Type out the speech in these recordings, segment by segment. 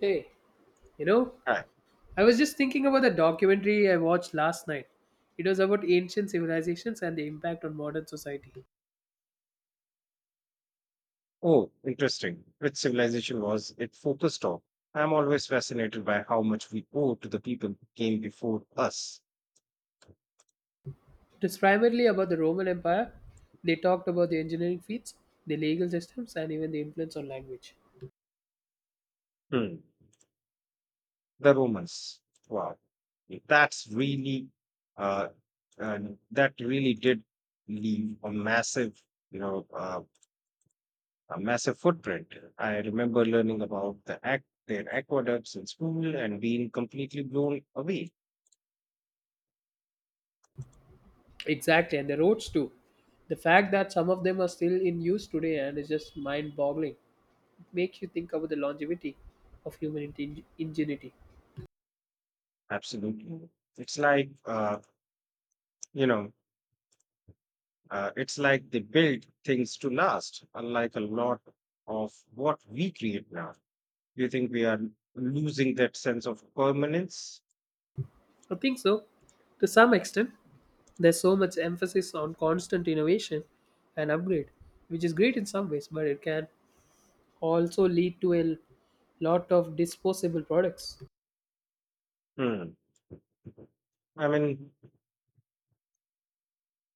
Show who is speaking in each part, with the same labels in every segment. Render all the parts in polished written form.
Speaker 1: Hey, you know,
Speaker 2: Hi.
Speaker 1: I was just thinking about the documentary I watched last night. It was about ancient civilizations and the impact on modern society. It
Speaker 2: Oh, interesting. Which civilization was it focused on? I'm always fascinated by how much we owe to the people who came before us.
Speaker 1: was primarily about the Roman Empire. They talked about the engineering feats, the legal systems, and even the influence on language.
Speaker 2: Hmm. The Romans. Wow. That's uh, and that really did leave a massive, you know, uh, a massive footprint. I remember learning about their aqueducts in school and being completely blown away.
Speaker 1: Exactly, and the roads too. The fact that some of them are still in use today and is just mind boggling. It makes you think about the longevity of human ingenuity.
Speaker 2: Absolutely. It's like, uh, you know, it's like they build things to last, unlike a lot of what we create now. Do you think we are losing that sense of permanence?
Speaker 1: I think so, to some extent. There's so much emphasis on constant innovation and upgrade, which is great in some ways, but it can also lead to a lot of disposable products.
Speaker 2: Hmm. I mean,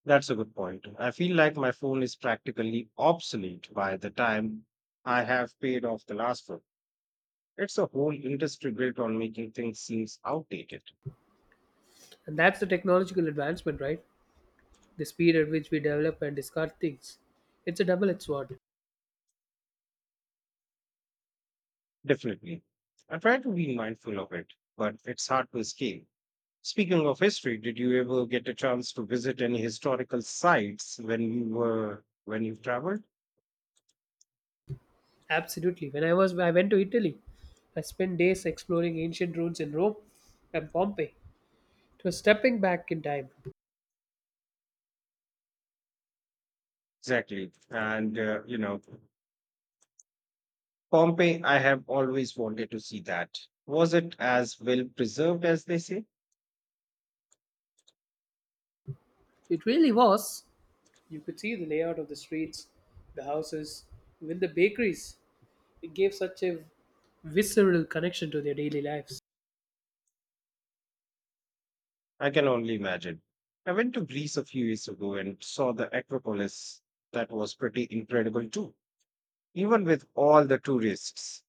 Speaker 2: that's a good point. I feel like my phone is practically obsolete by the time I have paid off the last one. It's a whole industry built on making things seem outdated.
Speaker 1: And that's the technological advancement, right? The speed at which we develop and discard things. It's a double edged sword.
Speaker 2: Definitely. I try to be mindful of it, but it's hard to escape. Speaking of history, did you ever get a chance to visit any historical sites when you traveled?
Speaker 1: Absolutely. When I was I went to Italy, I spent days exploring ancient ruins in Rome and Pompeii. It was stepping back in time.
Speaker 2: Exactly, and Pompeii. I have always wanted to see that. Was it as well preserved as they say?
Speaker 1: It really was. You could see the layout of the streets, the houses, even the bakeries. It gave such a visceral connection to their daily lives.
Speaker 2: I can only imagine. I went to Greece a few years ago and saw the Acropolis. That was pretty incredible too, even with all the tourists.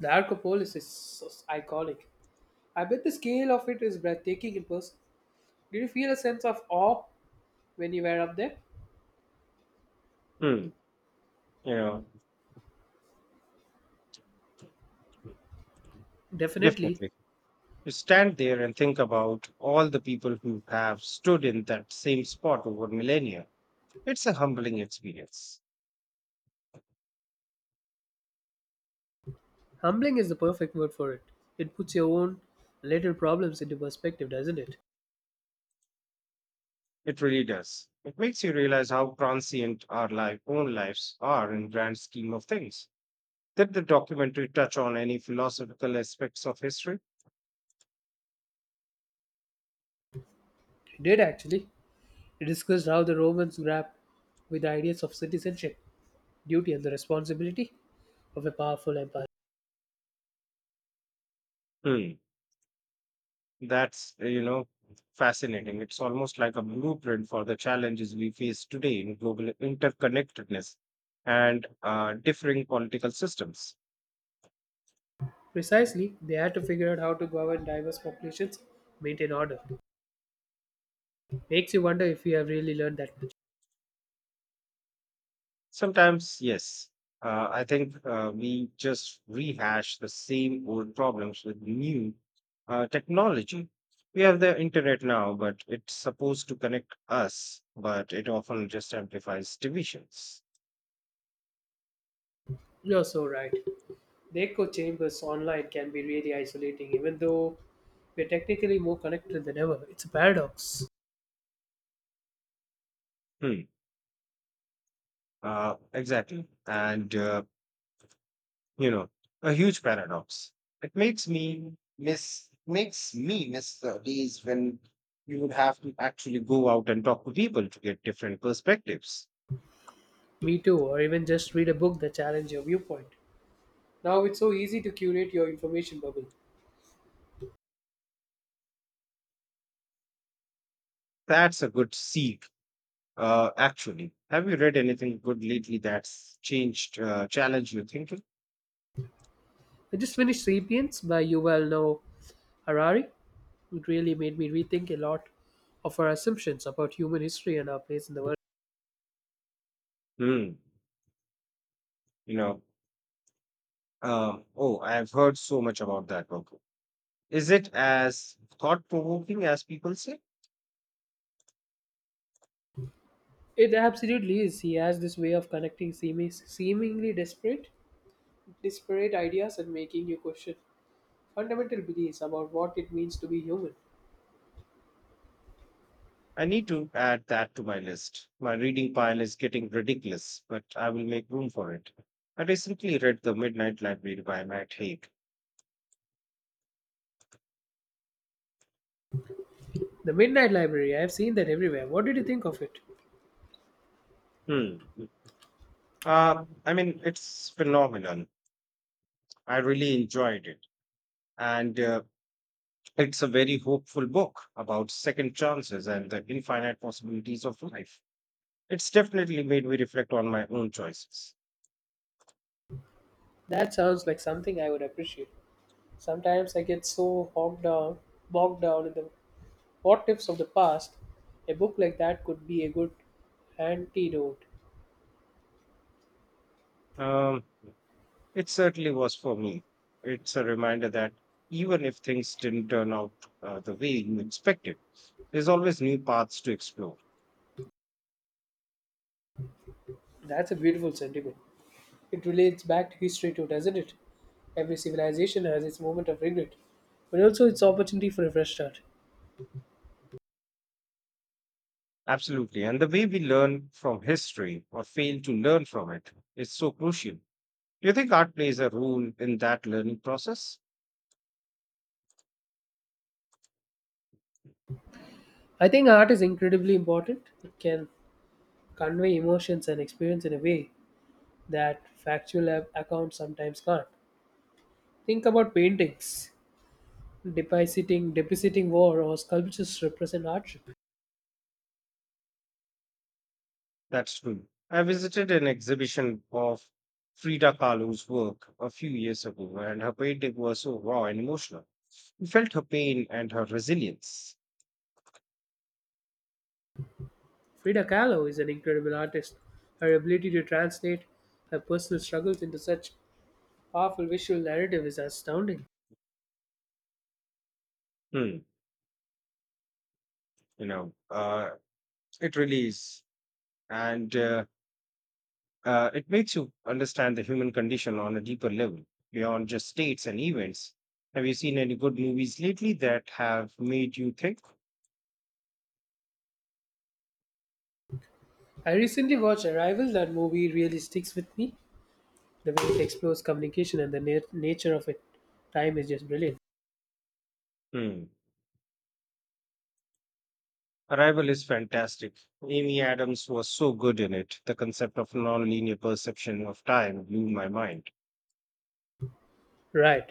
Speaker 1: The Arcopolis is so iconic. I bet the scale of it is breathtaking in person. Did you feel a sense of awe when you were up there?
Speaker 2: Hmm, you know,
Speaker 1: Definitely.
Speaker 2: definitely. You stand there and think about all the people who have stood in that same spot over millennia. It's a humbling experience.
Speaker 1: Humbling is the perfect word for it. It puts your own little problems into perspective, doesn't it?
Speaker 2: It really does. It makes you realize how transient own lives are in grand scheme of things. Did the documentary touch on any philosophical aspects of history?
Speaker 1: It did actually. It discussed how the Romans grapped with the ideas of citizenship, duty, and the responsibility of a powerful empire.
Speaker 2: Hmm. That's, uh, you know, fascinating. It's almost like a blueprint for the challenges we face today in global interconnectedness and differing political systems.
Speaker 1: Precisely, they had to figure out how to govern diverse populations, maintain order. Makes you wonder if you have really learned that much.
Speaker 2: Sometimes, yes. I think we just rehash the same old problems with new technology. We have the internet now, but it's supposed to connect us, but it often just amplifies divisions.
Speaker 1: You're so right. The echo chambers online can be really isolating, even though we're technically more connected than ever. It's a paradox.
Speaker 2: Hmm. Exactly. you know, a huge paradox. It makes me miss the days when you would have to actually go out and talk to people to get different perspectives.
Speaker 1: Me too, or even just read a book that challenges your viewpoint. Now it's so easy to curate your information bubble.
Speaker 2: That's a good seed. Actually, have you read anything good lately that's challenged your thinking?
Speaker 1: I just finished *Sapiens* by Yuval Noah Harari. It really made me rethink a lot of our assumptions about human history and our place in the world.
Speaker 2: Hmm. You know, oh, I've heard so much about that book. Is it as thought provoking as people say?
Speaker 1: It absolutely is. He has this way of connecting seemingly disparate ideas and making you question fundamental beliefs about what it means to be human.
Speaker 2: I need to add that to my list. My reading pile is getting ridiculous, but I will make room for it. I recently read The Midnight Library by Matt Haig.
Speaker 1: The Midnight Library, I have seen that everywhere. What did you think of it?
Speaker 2: Hmm. It's phenomenon. I really enjoyed it. And It's a very hopeful book about second chances and the infinite possibilities of life. It's definitely made me reflect on my own choices.
Speaker 1: That sounds like something I would appreciate. Sometimes I get so bogged down in the what ifs of the past. A book like that could be a good antidote.
Speaker 2: Um, it certainly was for me. It's a reminder that even if things didn't turn out the way you expected, there's always new paths to explore.
Speaker 1: That's a beautiful sentiment. It relates back to history too, doesn't it? Every civilization has its moment of regret, but also its opportunity for a fresh start.
Speaker 2: Absolutely. And the way we learn from history or fail to learn from it is so crucial. Do you think art plays a role in that learning process?
Speaker 1: I think art is incredibly important. It can convey emotions and experience in a way that factual accounts sometimes can't. Think about paintings, depositing war, or sculptures represent hardship.
Speaker 2: That's true. I visited an exhibition of Frida Kahlo's work a few years ago, and her painting was so raw and emotional. You felt her pain and her resilience.
Speaker 1: Frida Kahlo is an incredible artist. Her ability to translate her personal struggles into such powerful visual narrative is astounding.
Speaker 2: Hmm. You know, uh, it really is. And It makes you understand the human condition on a deeper level, beyond just states and events. Have you seen any good movies lately that have made you think?
Speaker 1: I recently watched Arrival. That movie really sticks with me. The way it explores communication and the nature of it, time is just brilliant.
Speaker 2: Hmm. Arrival is fantastic. Amy Adams was so good in it. The concept of non-linear perception of time blew my mind.
Speaker 1: Right.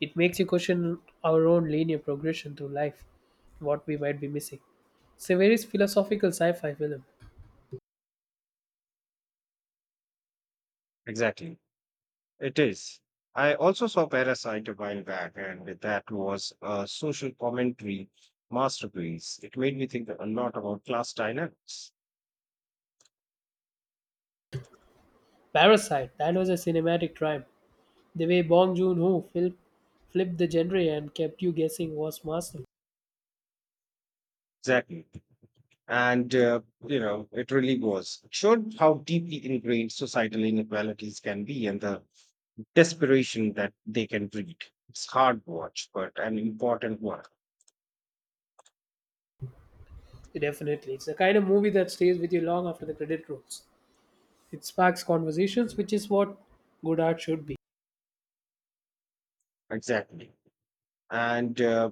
Speaker 1: It makes you question our own linear progression through life, what we might be missing. It's a very philosophical sci fi film.
Speaker 2: Exactly. It is. I also saw Parasite a while back, and that was a social commentary masterpiece. It made me think a lot about class dynamics.
Speaker 1: Parasite, that was a cinematic triumph. The way Bong Joon Ho flipped the genre and kept you guessing was masterful.
Speaker 2: Exactly. It really was. It showed how deeply ingrained societal inequalities can be and the desperation that they can breed. It's hard watch, but an important one.
Speaker 1: Definitely. It's the kind of movie that stays with you long after the credit rolls. It sparks conversations, which is what good art should be.
Speaker 2: Exactly. And, uh,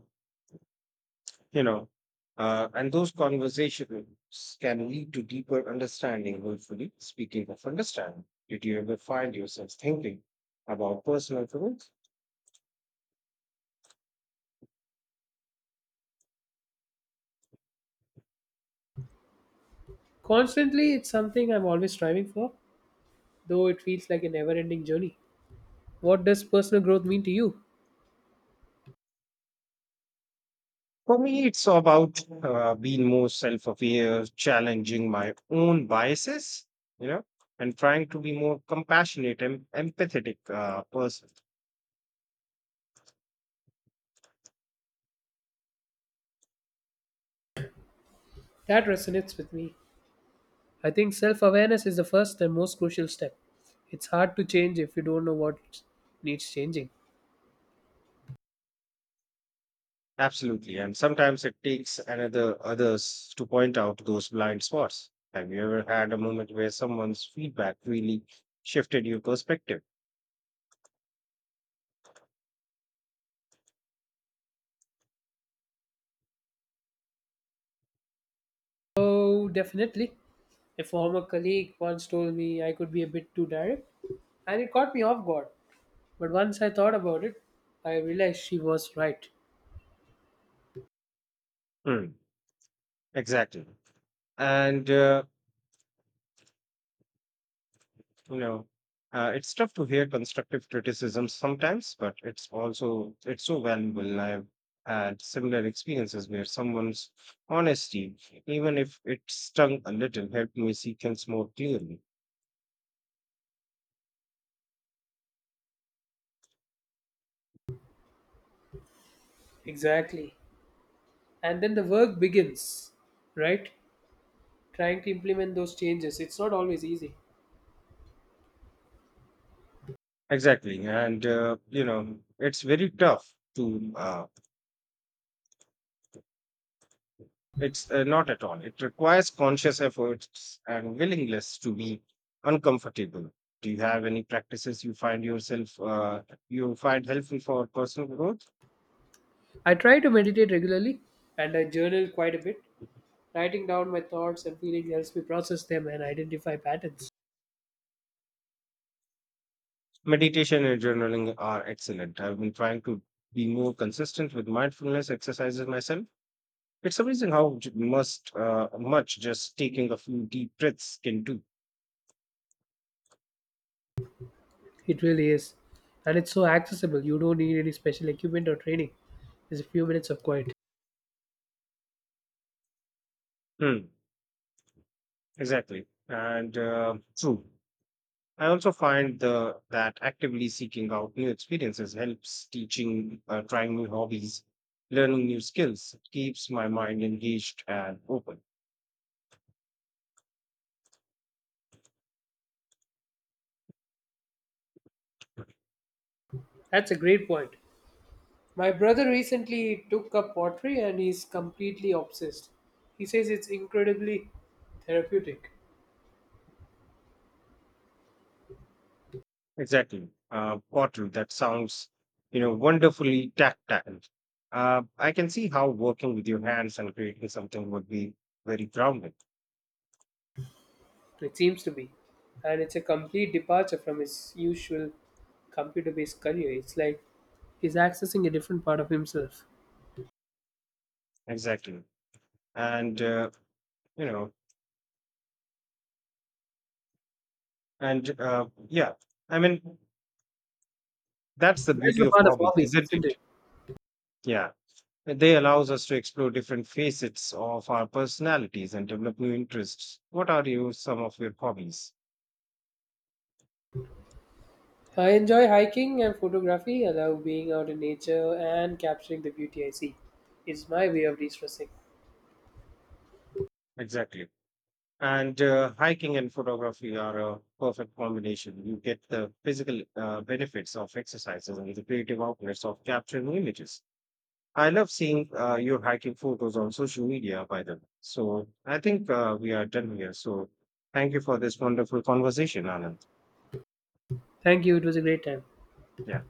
Speaker 2: you know, uh, and those conversations can lead to deeper understanding, hopefully. Speaking of understanding, did you ever find yourself thinking about personal growth?
Speaker 1: Constantly, it's something I'm always striving for, though it feels like a never ending journey. What does personal growth mean to you?
Speaker 2: For me, it's about being more self aware, challenging my own biases, you know, and trying to be more compassionate and empathetic person.
Speaker 1: That resonates with me. I think self awareness is the first and most crucial step. It's hard to change if you don't know what needs changing.
Speaker 2: Absolutely. And sometimes it takes another others to point out those blind spots. Have you ever had a moment where someone's feedback really shifted your perspective?
Speaker 1: Oh, definitely, a former colleague once told me I could be a bit too direct, and it caught me off guard. But once I thought about it, I realized she was right.
Speaker 2: Hmm. Exactly. And No, it's tough to hear constructive criticism sometimes, but it's so valuable. I've had similar experiences where someone's honesty, even if it stung a little, helped me see things more clearly.
Speaker 1: Exactly. And then the work begins, right? Trying to implement those changes. It's not always easy.
Speaker 2: Exactly. And, you know, it's very tough to, it's Not at all. It requires conscious efforts and willingness to be uncomfortable. Do you have any practices you find helpful for personal growth?
Speaker 1: I try to meditate regularly and I journal quite a bit. Writing down my thoughts and feelings helps me process them and identify patterns.
Speaker 2: Meditation and journaling are excellent. I've been trying to be more consistent with mindfulness exercises myself. It's amazing how much just taking a few deep breaths can do.
Speaker 1: It really is. And it's so accessible. You don't need any special equipment or training. Just a few minutes of quiet.
Speaker 2: Hmm. Exactly. And True. I also find that actively seeking out new experiences helps trying new hobbies, learning new skills, keeps my mind engaged and open.
Speaker 1: That's a great point. My brother recently took up pottery and he's completely obsessed. He says it's incredibly therapeutic.
Speaker 2: Exactly. Bottle that sounds, you know, wonderfully tactile. I can see how working with your hands and creating something would be very grounding.
Speaker 1: It seems to be. And it's a complete departure from his usual computer based career. It's like he's accessing a different part of himself.
Speaker 2: Exactly. And, you know, and yeah, I mean, That's the
Speaker 1: That's
Speaker 2: beauty
Speaker 1: the
Speaker 2: of
Speaker 1: part of
Speaker 2: hobbies,
Speaker 1: hobbies,
Speaker 2: isn't
Speaker 1: isn't
Speaker 2: it?
Speaker 1: it?
Speaker 2: Yeah. They allows us to explore different facets of our personalities and develop new interests. What are you some of your hobbies?
Speaker 1: I enjoy hiking and photography. I love being out in nature and capturing the beauty I see. It's my way of de stressing.
Speaker 2: Exactly. And Hiking and photography are a perfect combination. You get the physical benefits of exercises and the creative outlets of capturing images. I love seeing your hiking photos on social media, by the way. So I think we are done here. So thank you for this wonderful conversation, Anand.
Speaker 1: Thank you. It was a great time.
Speaker 2: Yeah.